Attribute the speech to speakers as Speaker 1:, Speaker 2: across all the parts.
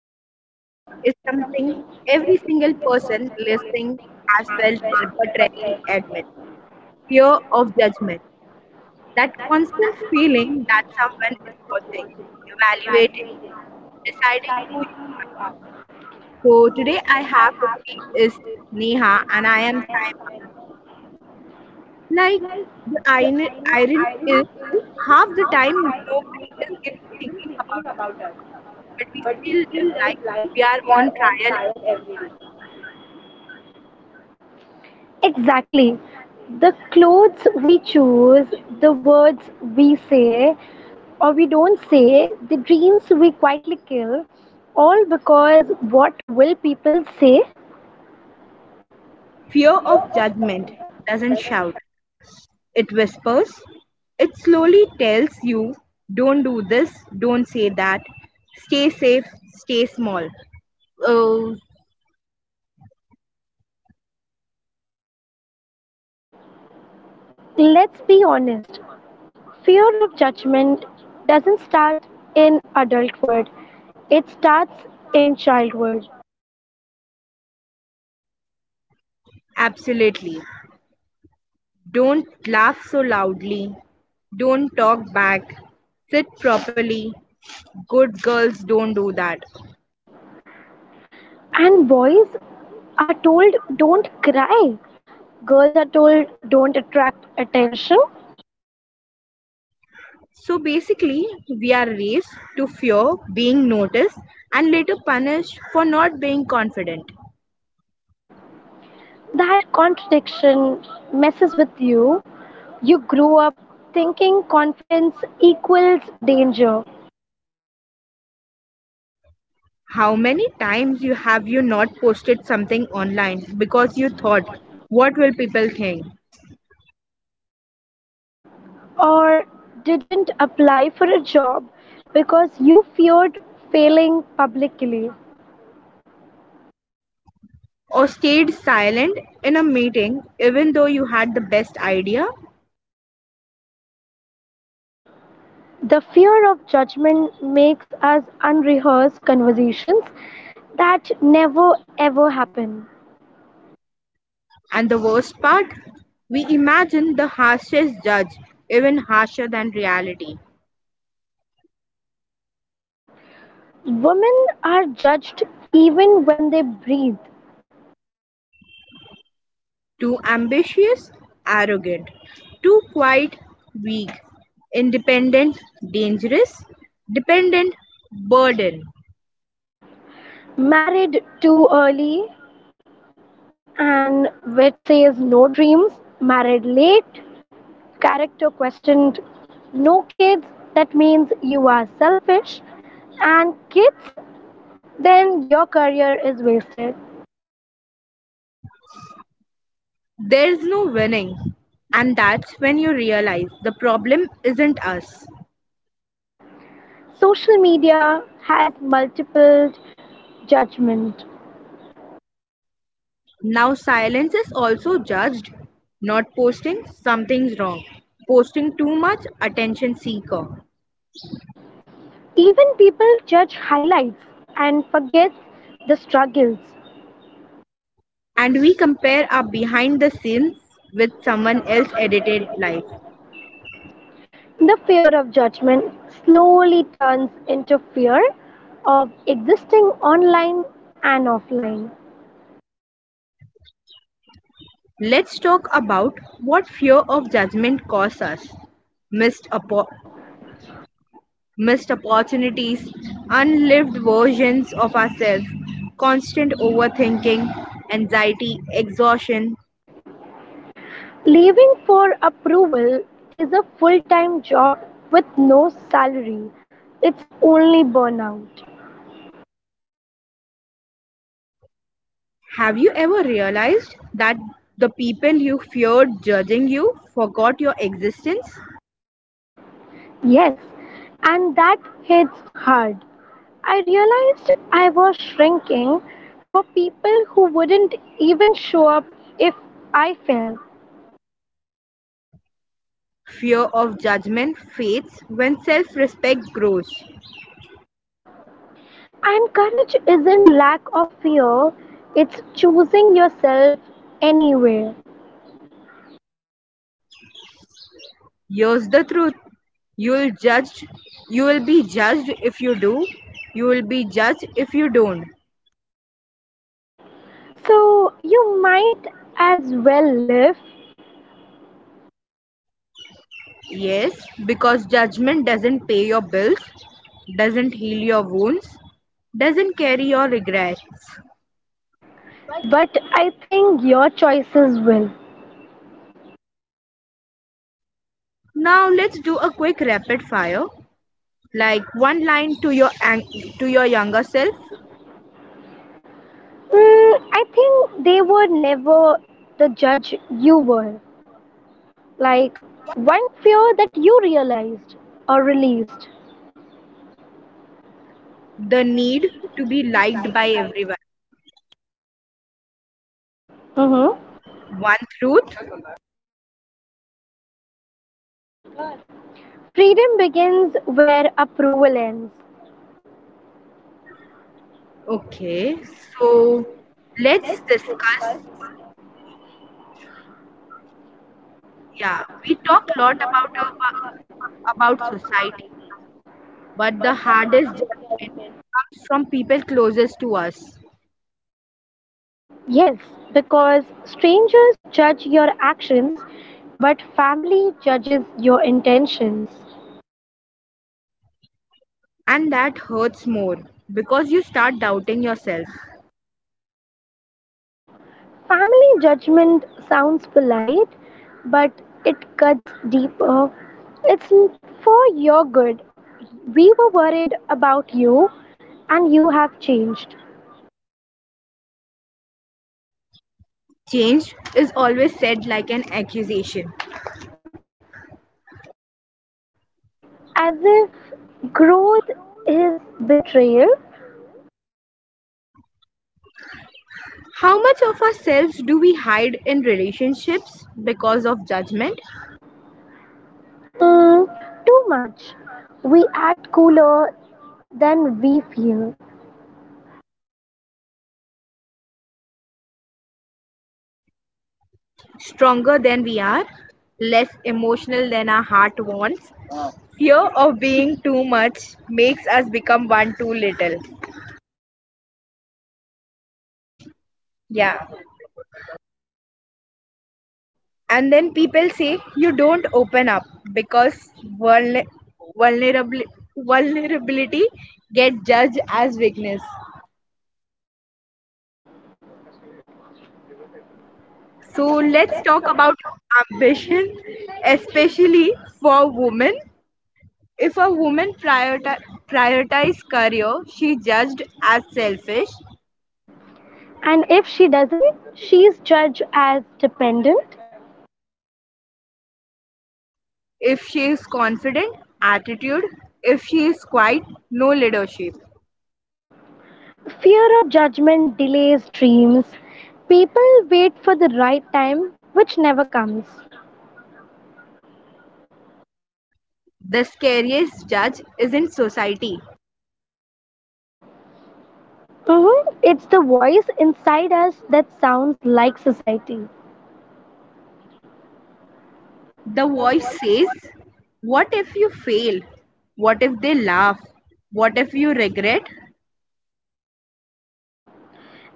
Speaker 1: hot topic is something every single person listening has felt but rarely admits: fear of judgment. That constant feeling that someone is watching, evaluating, deciding who you are. So, today I have with me is Neha and I am Saima. Like, irony is, half the time nobody is even thinking about us but we still live like we are on trial every day.
Speaker 2: Exactly. The clothes we choose, the words we say or we don't say, the dreams we quietly kill, all because what will people say?
Speaker 1: Fear of judgment doesn't shout, it whispers. It slowly tells you, don't do this, don't say that, stay safe, stay small. Oh,
Speaker 2: Let's be honest. Fear of judgment doesn't start in adulthood, it starts in childhood.
Speaker 1: absolutely. Don't laugh so loudly, don't talk back, sit properly. Good girls don't do that.
Speaker 2: And boys are told don't cry, girls are told don't attract attention.
Speaker 1: So basically, we are raised to fear being noticed and later punished for not being confident.
Speaker 2: That contradiction messes with you. You grew up thinking confidence equals danger,
Speaker 1: How many times you not posted something online because you thought, what will people think?
Speaker 2: or didn't apply for a job because you feared failing publicly.
Speaker 1: Or stayed silent in a meeting even though you had the best idea?
Speaker 2: The fear of judgment makes us unrehearsed conversations that never ever happen.
Speaker 1: And the worst part, we imagine the harshest judge even harsher than reality.
Speaker 2: Women are judged even when they breathe.
Speaker 1: Too ambitious, arrogant, too quiet, weak, independent, dangerous, dependent, burden.
Speaker 2: Married too early, and which says no dreams, married late, character questioned, no kids, that means you are selfish, and kids, then your career is wasted.
Speaker 1: There's no winning. And that's when you realize the problem isn't us.
Speaker 2: Social media has multiple judgment.
Speaker 1: Now, silence is also judged. Not posting, something's wrong. Posting too much, attention seeker.
Speaker 2: Even people judge highlights and forget the struggles.
Speaker 1: And we compare our behind the scenes with someone else's edited life.
Speaker 2: The fear of judgment slowly turns into fear of existing online and offline.
Speaker 1: Let's talk about what fear of judgment causes: us missed, oppo- missed opportunities, unlived versions of ourselves, constant overthinking, anxiety, exhaustion.
Speaker 2: Leaving for approval is a full time job with no salary. It's only burnout.
Speaker 1: Have you ever realized that the people you feared judging you forgot your existence?
Speaker 2: Yes, and that hits hard. I realized I was shrinking for people who wouldn't even show up if I fell.
Speaker 1: Fear of judgment fades when self respect grows.
Speaker 2: And courage isn't lack of fear, it's choosing yourself anyway.
Speaker 1: Here's the truth. You'll judged you will be judged if you do. You will be judged if you don't.
Speaker 2: So you might as well live.
Speaker 1: Yes, because judgment doesn't pay your bills, doesn't heal your wounds, doesn't carry your regrets.
Speaker 2: But I think your choices will.
Speaker 1: Now let's do a quick rapid fire. Like, one line to your younger self.
Speaker 2: Mm, I think they were never the judge you were. Like one fear that you realized or released.
Speaker 1: The need to be liked by everyone.
Speaker 2: Hmm.
Speaker 1: One truth.
Speaker 2: Freedom begins where approval ends.
Speaker 1: Okay, so let's discuss, yeah, we talk a lot about society, but the hardest judgment comes from people closest to us.
Speaker 2: Yes, because strangers judge your actions, but family judges your intentions.
Speaker 1: And that hurts more because you start doubting yourself.
Speaker 2: Family judgment sounds polite, but it cuts deeper. It's for your good. We were worried about you, and you have changed.
Speaker 1: Change is always said like an accusation.
Speaker 2: As if growth is betrayal.
Speaker 1: How much of ourselves do we hide in relationships because of judgment?
Speaker 2: Mm, too much. We act cooler than we feel.
Speaker 1: Stronger than we are, less emotional than our heart wants. Fear of being too much makes us become one too little. Yeah. And then people say you don't open up because vulner- vulnerabli- vulnerability get judged as weakness. So let's talk about ambition, especially for women. If a woman prioritize career, she judged as selfish.
Speaker 2: And if she doesn't, she's judged as dependent.
Speaker 1: If she is confident, attitude. If she is quiet, no leadership.
Speaker 2: Fear of judgment delays dreams. People wait for the right time, which never comes.
Speaker 1: The scariest judge isn't society.
Speaker 2: Mhm. It's the voice inside us that sounds like society.
Speaker 1: The voice says, what if you fail? What if they laugh? What if you regret?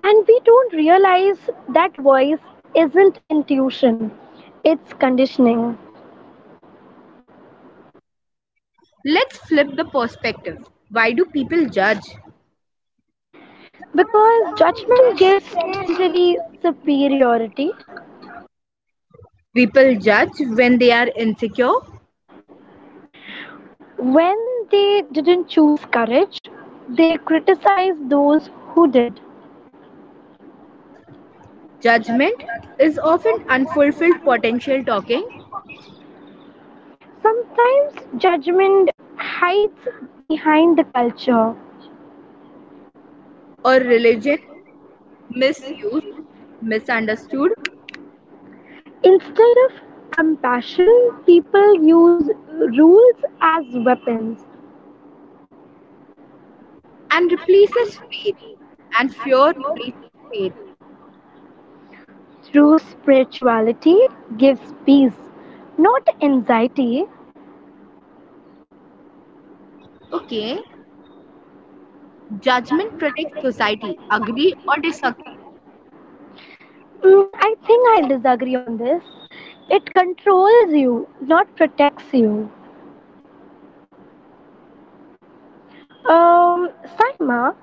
Speaker 2: And we don't realize that voice isn't intuition, it's conditioning.
Speaker 1: Let's flip the perspective. Why do people judge?
Speaker 2: Because judgment gives temporary superiority.
Speaker 1: People judge when they are insecure.
Speaker 2: When they didn't choose courage, they criticize those who did.
Speaker 1: Judgment is often unfulfilled potential talking,
Speaker 2: Sometimes judgment hides behind the culture.
Speaker 1: or religion misused, misunderstood,
Speaker 2: Instead of compassion, people use rules as weapons.
Speaker 1: and replaces faith. And fear replaces faith.
Speaker 2: True spirituality gives peace, not anxiety.
Speaker 1: Okay, judgment protects society. Agree or disagree?
Speaker 2: Mm, I think I'll disagree on this. It controls you, not protects you. Um, Saima,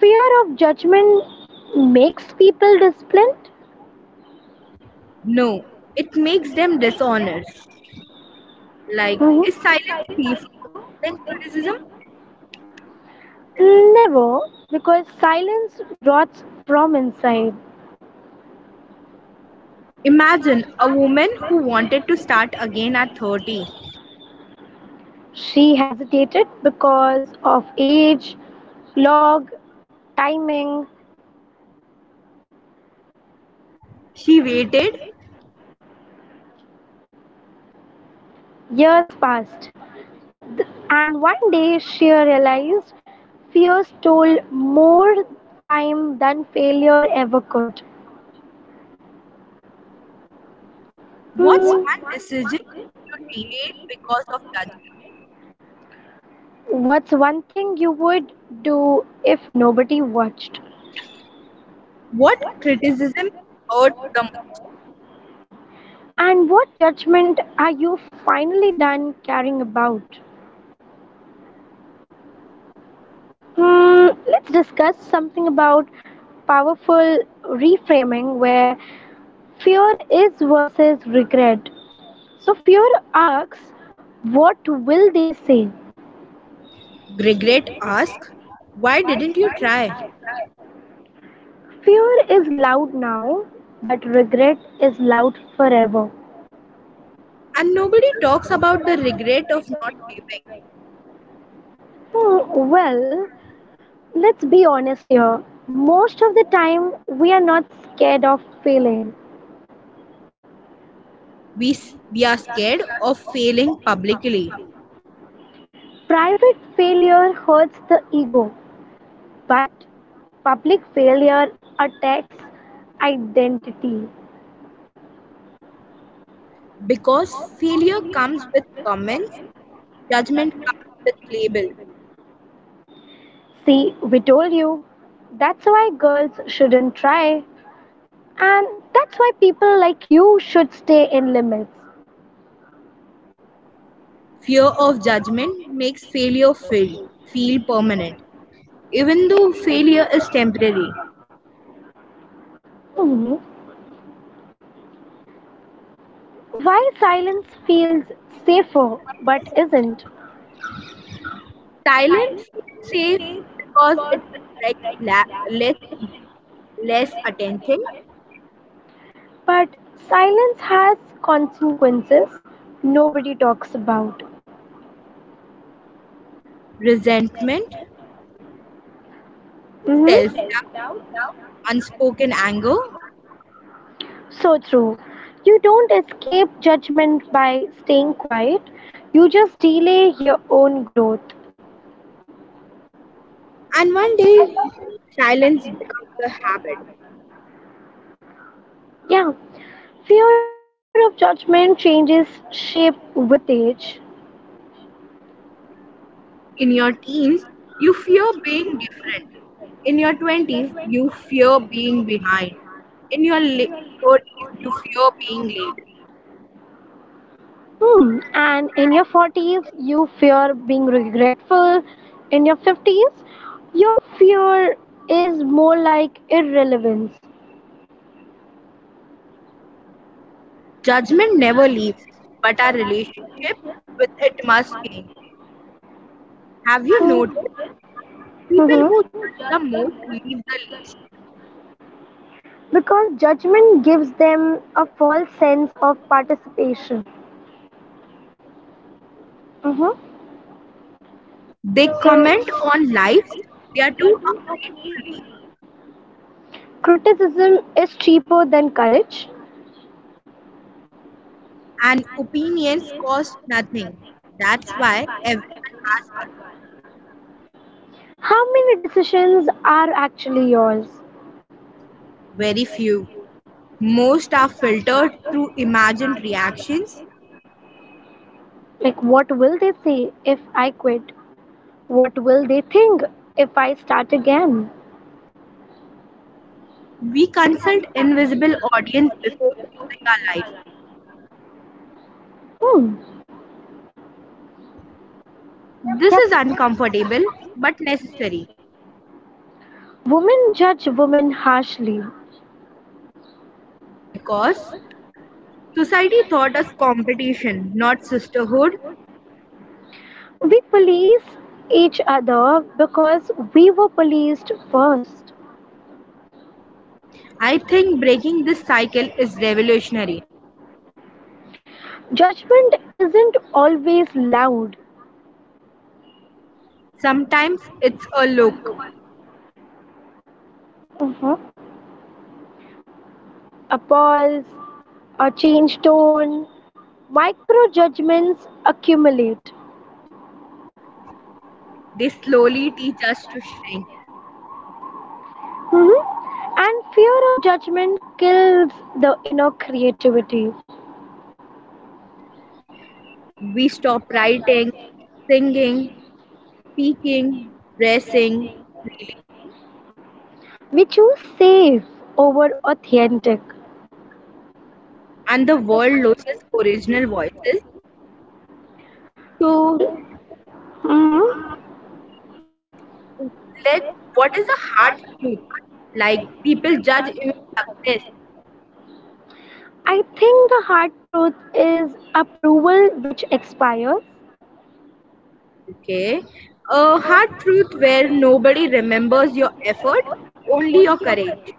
Speaker 2: fear of judgment makes people disciplined.
Speaker 1: No, it makes them dishonest. Like,
Speaker 2: Mhm.
Speaker 1: is silence safer than criticism?
Speaker 2: Never, because silence rots from inside.
Speaker 1: Imagine a woman who wanted to start again at 30.
Speaker 2: She hesitated because of age, log, timing,
Speaker 1: She waited.
Speaker 2: years passed. And one day she realized fear stole more time than failure ever could.
Speaker 1: What's
Speaker 2: Hmm,
Speaker 1: one decision you delayed because of judgment?
Speaker 2: what's one thing you would do if nobody watched?
Speaker 1: What criticism hurt the most?
Speaker 2: And what judgment are you finally done caring about? Hmm, let's discuss something about powerful reframing where fear is versus regret. So, fear asks, what will they say?
Speaker 1: Regret ask, why didn't you try?
Speaker 2: Fear is loud now, but regret is loud forever.
Speaker 1: And nobody talks about the regret of not living.
Speaker 2: Hmm, well, let's be honest here. Most of the time, we are not scared of failing.
Speaker 1: we we are scared of failing publicly
Speaker 2: Private failure hurts the ego, but public failure attacks identity.
Speaker 1: because failure comes with comments, judgment comes with labels.
Speaker 2: See, we told you. That's why girls shouldn't try. And that's why people like you should stay in limits.
Speaker 1: Fear of judgment makes failure feel permanent even though failure is temporary.
Speaker 2: Hmm. Why silence feels safer but isn't?
Speaker 1: Silence feels safe because it attracts less attention.
Speaker 2: But silence has consequences nobody talks about.
Speaker 1: Resentment,
Speaker 2: Hmm.
Speaker 1: self
Speaker 2: Self
Speaker 1: doubt,
Speaker 2: doubt,
Speaker 1: unspoken
Speaker 2: unspoken
Speaker 1: anger.
Speaker 2: anger. So true. You don't escape judgment by staying quiet, you just delay your own growth.
Speaker 1: And one day, silence becomes a habit.
Speaker 2: Yeah, fear of judgment changes shape with age.
Speaker 1: In your teens, you fear being different. In your 20s, you fear being behind. In your 30s, you fear being late.
Speaker 2: Hmm. And in your 40s, you fear being regretful. In your 50s, your fear is more like irrelevance.
Speaker 1: Judgment never leaves, but our relationship with it must change. Have you
Speaker 2: Hmm.
Speaker 1: noticed? People
Speaker 2: Mhm.
Speaker 1: who judge the most leave the least.
Speaker 2: Because judgment gives them a false sense of participation. Mhm.
Speaker 1: They comment
Speaker 2: So,
Speaker 1: on lives they are
Speaker 2: they are
Speaker 1: too
Speaker 2: too
Speaker 1: afraid to
Speaker 2: afraid to
Speaker 1: leave.
Speaker 2: leave. Criticism is cheaper than courage.
Speaker 1: And opinions cost nothing. That's why everyone has one.
Speaker 2: How many decisions are actually yours?
Speaker 1: Very few. Most are filtered through imagined reactions.
Speaker 2: Like, what will they say if I quit? What will they think if I start again?
Speaker 1: We consult invisible audience before choosing our life.
Speaker 2: Hmm.
Speaker 1: This
Speaker 2: Yep.
Speaker 1: is uncomfortable but necessary
Speaker 2: Women judge women harshly.
Speaker 1: because society taught us competition, not sisterhood.
Speaker 2: We police each other because we were policed first.
Speaker 1: I think breaking this cycle is revolutionary.
Speaker 2: Judgment isn't always loud.
Speaker 1: Sometimes it's a look.
Speaker 2: Mhm. A pause, a change tone, micro judgments accumulate.
Speaker 1: They slowly teach us to shrink.
Speaker 2: Mhm. And fear of judgment kills the inner creativity.
Speaker 1: We stop writing, singing, speaking, dressing freely,
Speaker 2: We choose safe over authentic.
Speaker 1: and the world loses original voices. So,
Speaker 2: Mhm.
Speaker 1: let what is the hard truth? Like, people judge even success.
Speaker 2: I think the hard truth is approval which expires,
Speaker 1: Okay, a hard truth where nobody remembers your effort, only your courage.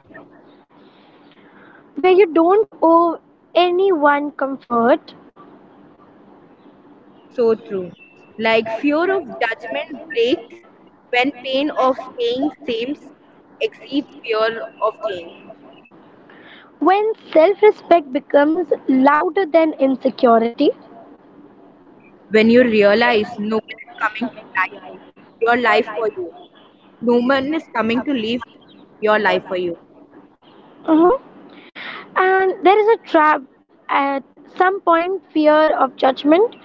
Speaker 2: where you don't owe anyone comfort,
Speaker 1: So true. Like, fear of judgment breaks when pain of staying same exceeds fear of change.
Speaker 2: when self respect becomes louder than insecurity.
Speaker 1: When you realize no one is coming to life your life for you, no one is coming to live your life for you.
Speaker 2: Mhm. And there is a trap. At some point, fear of judgment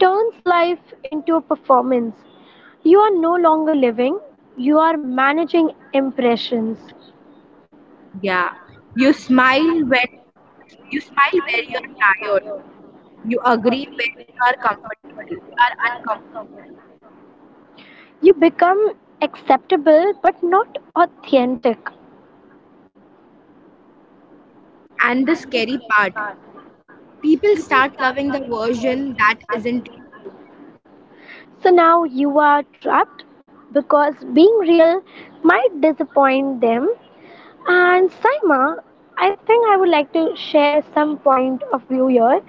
Speaker 2: turns life into a performance. You are no longer living, you are managing impressions.
Speaker 1: Yeah, you smile when you smile where you are tired. You agree when you are uncomfortable.
Speaker 2: You become acceptable but not authentic.
Speaker 1: And the scary part, people start loving the version that isn't you.
Speaker 2: So now you are trapped because being real might disappoint them. And Saima, I think I would like to share some point of view here,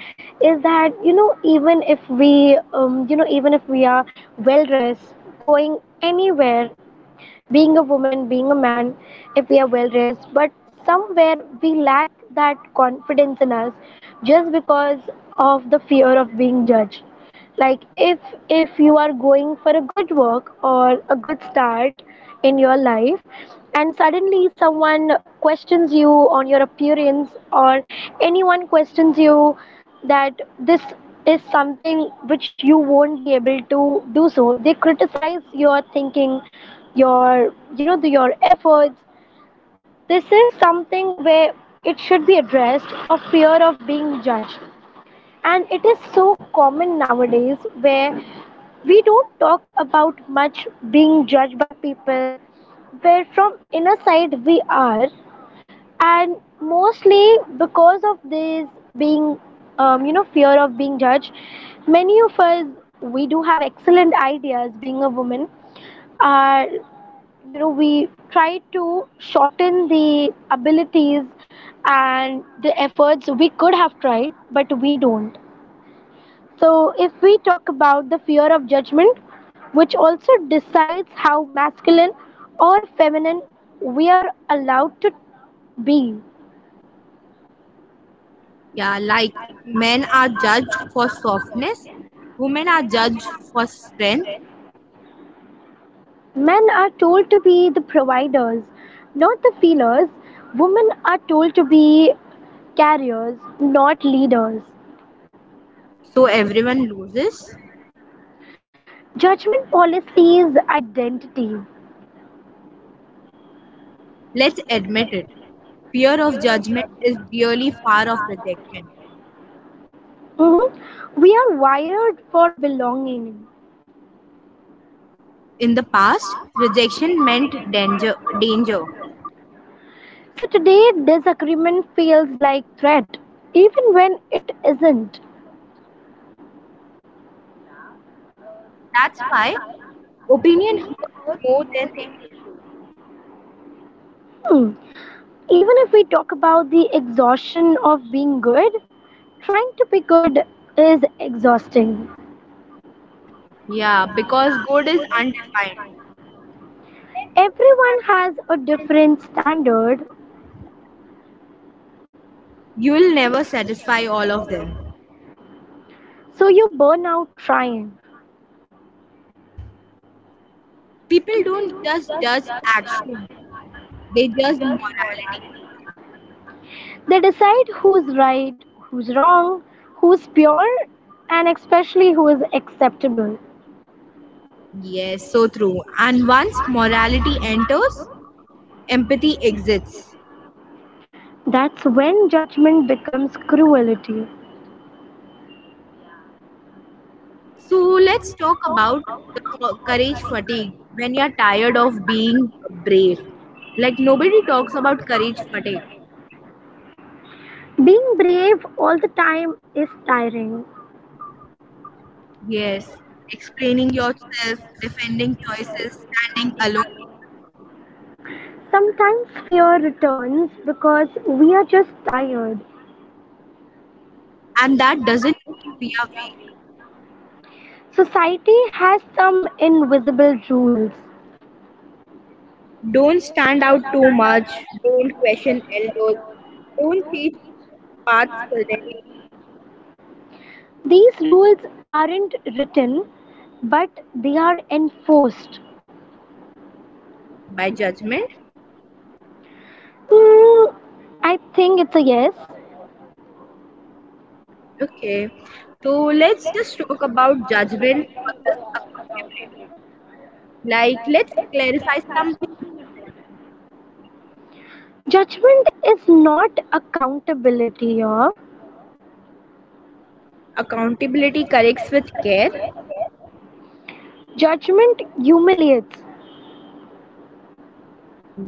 Speaker 2: is that even if we even if we are well dressed, going anywhere, being a woman, being a man, if we are well dressed but somewhere we lack that confidence in us, just because of the fear of being judged. Like, if you are going for a good work or a good start in your life, and suddenly someone questions you on your appearance, or anyone questions you that this is something which you won't be able to do, so they criticize your thinking, your you know the, your efforts. This is something where it should be addressed, of fear of being judged. And it is so common nowadays, where we don't talk about much being judged by people, where from inner side we are. And mostly because of this being fear of being judged, many of us, we do have excellent ideas. Being a woman, are, we try to shorten the abilities and the efforts we could have tried, but we don't. So, if we talk about the fear of judgment, which also decides how masculine or feminine we are allowed to be,
Speaker 1: Yeah, like, men are judged for softness, women are judged for strength,
Speaker 2: men are told to be the providers, not the feelers. Women are told to be carriers, not leaders.
Speaker 1: so everyone loses.
Speaker 2: Judgment policies identity.
Speaker 1: Let's admit it. Fear of judgment is really far off rejection.
Speaker 2: Mhm. We are wired for belonging.
Speaker 1: In the past, rejection meant danger.
Speaker 2: So today, disagreement feels like threat, even when it isn't.
Speaker 1: That's why opinion hurts more than they should.
Speaker 2: Hmm. Even if we talk about the exhaustion of being good, trying to be good is exhausting.
Speaker 1: Yeah, because good is undefined.
Speaker 2: Everyone has a different standard,
Speaker 1: You will never satisfy all of them.
Speaker 2: so you burn out trying.
Speaker 1: People don't just judge actions, they judge morality.
Speaker 2: They decide who's right, who's wrong, who's pure, and especially who is acceptable.
Speaker 1: Yes, so true. And once morality enters, empathy exists.
Speaker 2: That's when judgment becomes cruelty.
Speaker 1: So let's talk about the courage fatigue when you're tired of being brave. Like, nobody talks about courage fatigue.
Speaker 2: Being brave all the time is tiring.
Speaker 1: Yes, explaining yourself, defending choices, standing alone.
Speaker 2: Sometimes fear returns because we are just tired.
Speaker 1: And that doesn't mean we are weak.
Speaker 2: Society has some invisible rules.
Speaker 1: Don't stand out too much. Don't question elders. Don't change paths suddenly
Speaker 2: These rules aren't written, but they are enforced.
Speaker 1: by judgment.
Speaker 2: Hmm, I think it's a yes.
Speaker 1: Okay, so let's just talk about judgment versus accountability. Like, let's clarify something important.
Speaker 2: Judgment is not accountability here.
Speaker 1: Accountability corrects with care,
Speaker 2: Judgment humiliates.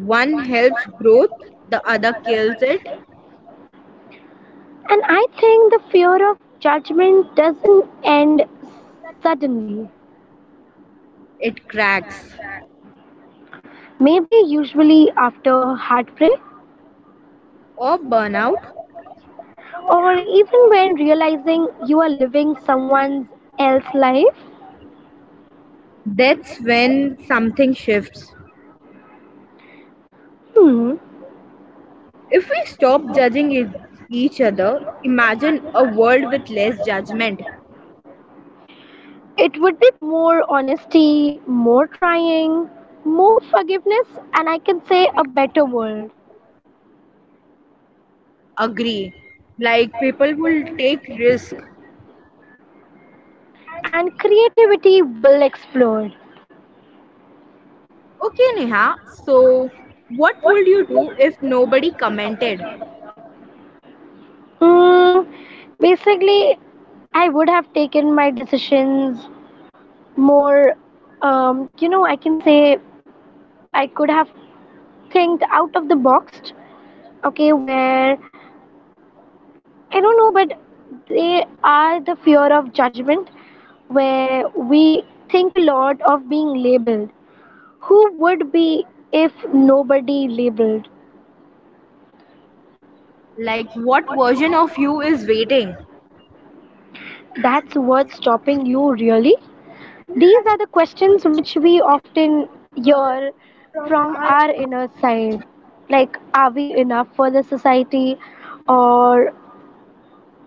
Speaker 1: one helps growth, the other kills it,
Speaker 2: And I think the fear of judgment doesn't end
Speaker 1: and that that
Speaker 2: suddenly.
Speaker 1: is, it cracks,
Speaker 2: Maybe usually after heartbreak,
Speaker 1: or burnout. or
Speaker 2: or
Speaker 1: or
Speaker 2: even when realizing you are
Speaker 1: realizing you are
Speaker 2: living
Speaker 1: living
Speaker 2: someone
Speaker 1: someone
Speaker 2: else's
Speaker 1: else's
Speaker 2: life.
Speaker 1: life. That's when something shifts.
Speaker 2: Hmm.
Speaker 1: If we stop judging each other, imagine a world with less judgment.
Speaker 2: It would be more honesty, more trying, more forgiveness, and I can
Speaker 1: We
Speaker 2: say a
Speaker 1: can say a
Speaker 2: better
Speaker 1: better
Speaker 2: world.
Speaker 1: world. Agree. Like, people will take risk.
Speaker 2: And creativity will explode.
Speaker 1: Okay, Neha. So, what would you do if nobody commented?
Speaker 2: Hmm. Basically, I would have taken my decisions more, I can say I could have think out of the box, okay, where I don't know, but they are the fear of judgment, where we think a lot of being labeled. Who would be if nobody labeled?
Speaker 1: Like, what version of you is waiting?
Speaker 2: That's what's stopping you, really?
Speaker 1: These
Speaker 2: These
Speaker 1: are
Speaker 2: are the
Speaker 1: the
Speaker 2: questions
Speaker 1: questions
Speaker 2: which we
Speaker 1: we
Speaker 2: often
Speaker 1: often
Speaker 2: hear
Speaker 1: hear from
Speaker 2: from our inner
Speaker 1: our inner
Speaker 2: side.
Speaker 1: side.
Speaker 2: Like, are we enough for the society? Or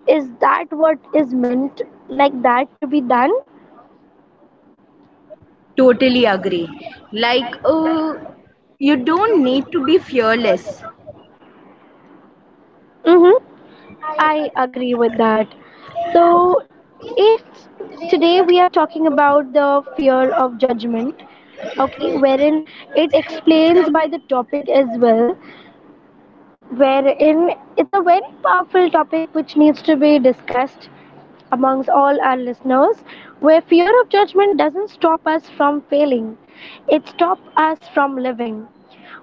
Speaker 2: is that what is meant like that to be done?
Speaker 1: Totally agree. Like, you don't need to be fearless.
Speaker 2: Mm-hmm.
Speaker 1: Mm-hmm. I
Speaker 2: I
Speaker 1: I with
Speaker 2: agree with
Speaker 1: agree
Speaker 2: that.
Speaker 1: with that.
Speaker 2: So,
Speaker 1: So
Speaker 2: if
Speaker 1: today we
Speaker 2: today
Speaker 1: are
Speaker 2: we are
Speaker 1: talking
Speaker 2: talking about
Speaker 1: about
Speaker 2: the
Speaker 1: the
Speaker 2: fear of judgment, okay,
Speaker 1: the
Speaker 2: wherein
Speaker 1: related
Speaker 2: it
Speaker 1: experience by
Speaker 2: explains by
Speaker 1: the
Speaker 2: the topic as
Speaker 1: topic.
Speaker 2: well, wherein it's a very powerful topic which needs to be discussed amongst all our listeners, where fear of judgment doesn't stop us from failing, it stops us from living.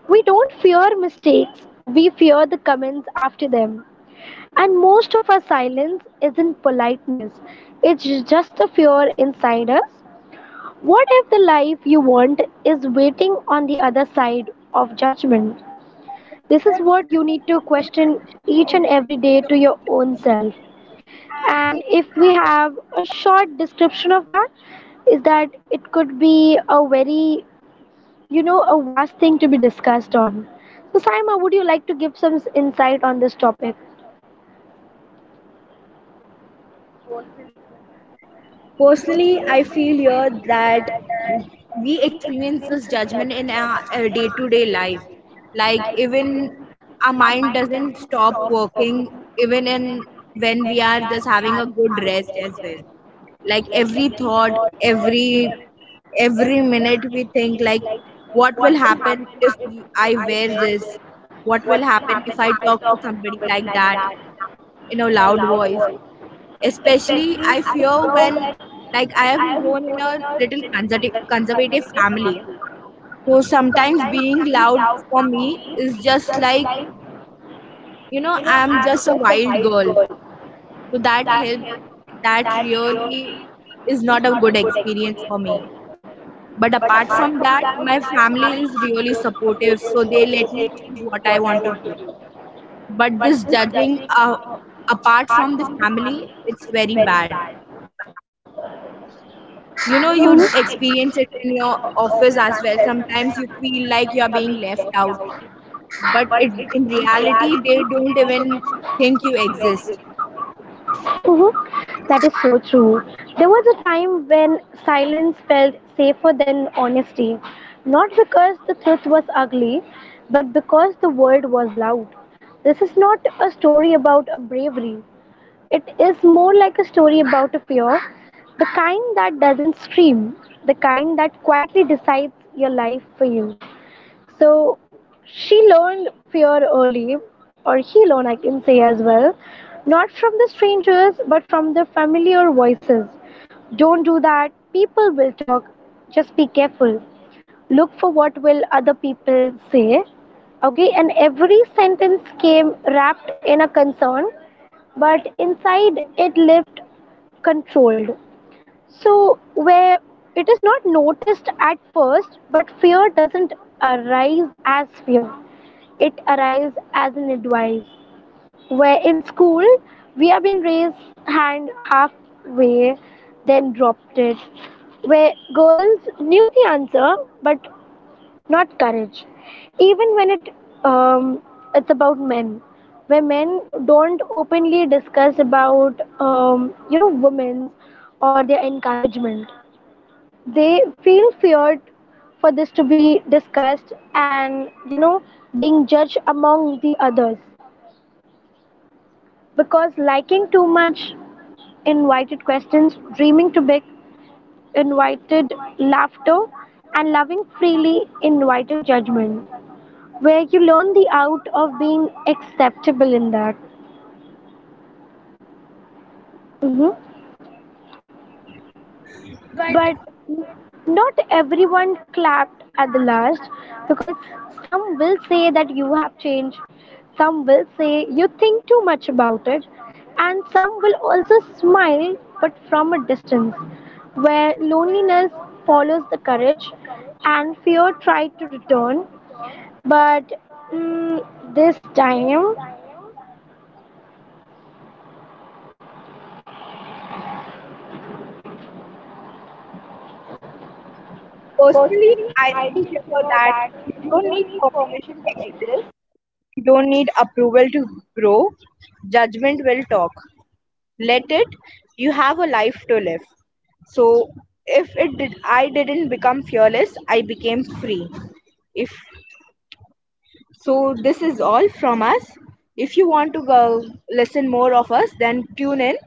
Speaker 2: We don't fear mistakes, we fear the comments after them. And most of our silence isn't politeness, it's just the fear inside us. What if the life you want is waiting on the other side of judgment?
Speaker 1: This is
Speaker 2: This is
Speaker 1: what
Speaker 2: what
Speaker 1: we
Speaker 2: you need to question
Speaker 1: mention
Speaker 2: each and
Speaker 1: every.
Speaker 2: every day to your own self.
Speaker 1: And
Speaker 2: And if
Speaker 1: if
Speaker 2: we
Speaker 1: we if we
Speaker 2: have a
Speaker 1: have.
Speaker 2: short description of that, is that it could be a very, a vast thing to be discussed on. So, Saima, would you like to give some insight on this topic?
Speaker 1: Personally, I feel here that we experience this judgment in our day-to-day life. Like even our mind doesn't stop working even in when we are just having a good rest as well. Like every thought, every minute we think like, what will happen if I wear this? What will happen if I talk to somebody like that in a loud voice? Especially, I fear when, like, I am grown in a little conservative family. So sometimes being loud for me is just like, I'm just a wild girl. So that really is not a good experience for me. But apart from that, my family is really supportive, so they let me choose what I want to do. But this judging, apart from the family, it's very bad. You know, you
Speaker 2: Mhm.
Speaker 1: experience it in your office as well, sometimes you feel like you're being
Speaker 2: You.
Speaker 1: left out, but it in reality they don't even think you exist.
Speaker 2: Mhm. That is so true. There was a time when silence felt safer than honesty, not because the truth was ugly, but because the world was loud. This is not a story about a bravery. It is more like a story about a fear, the kind that doesn't scream, the kind that quietly decides your life for you. So she learned fear early, or he learned, I can say as well, not from the strangers, but from the familiar voices. Don't do that, people will talk, just be careful. Look for what will other people say. Okay, and every sentence came wrapped in a concern, but inside it lived controlled. So, where it is not noticed at first, but fear doesn't arise as fear, it arrives as an advice. Where in school, we have been raised hand halfway, then dropped it. Where girls knew the answer, but not courage. Even when um, it's about men, where men don't openly discuss about women or their encouragement. They feel feared for this to be discussed, and being judged among the others. Because liking too much invited questions, dreaming too big invited laughter, and loving freely invited judgment, where you learn the art of being acceptable in that. Mhm. But n- not everyone clapped at the last, because some will say that you have changed, some will say you think too much about it, and some will also smile but from a distance, where loneliness follows the courage and fear tried to return. But mm, this time,
Speaker 1: Personally, I think here that you don't need permission to exist. You don't need approval to grow. Judgment will talk. Let it. You have a life to live. So if it did, I didn't become fearless, I became free. If so this is all from us. If you want to go listen more of us, then tune in.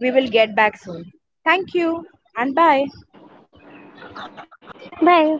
Speaker 1: We will get back soon. Thank you and bye.
Speaker 2: bye.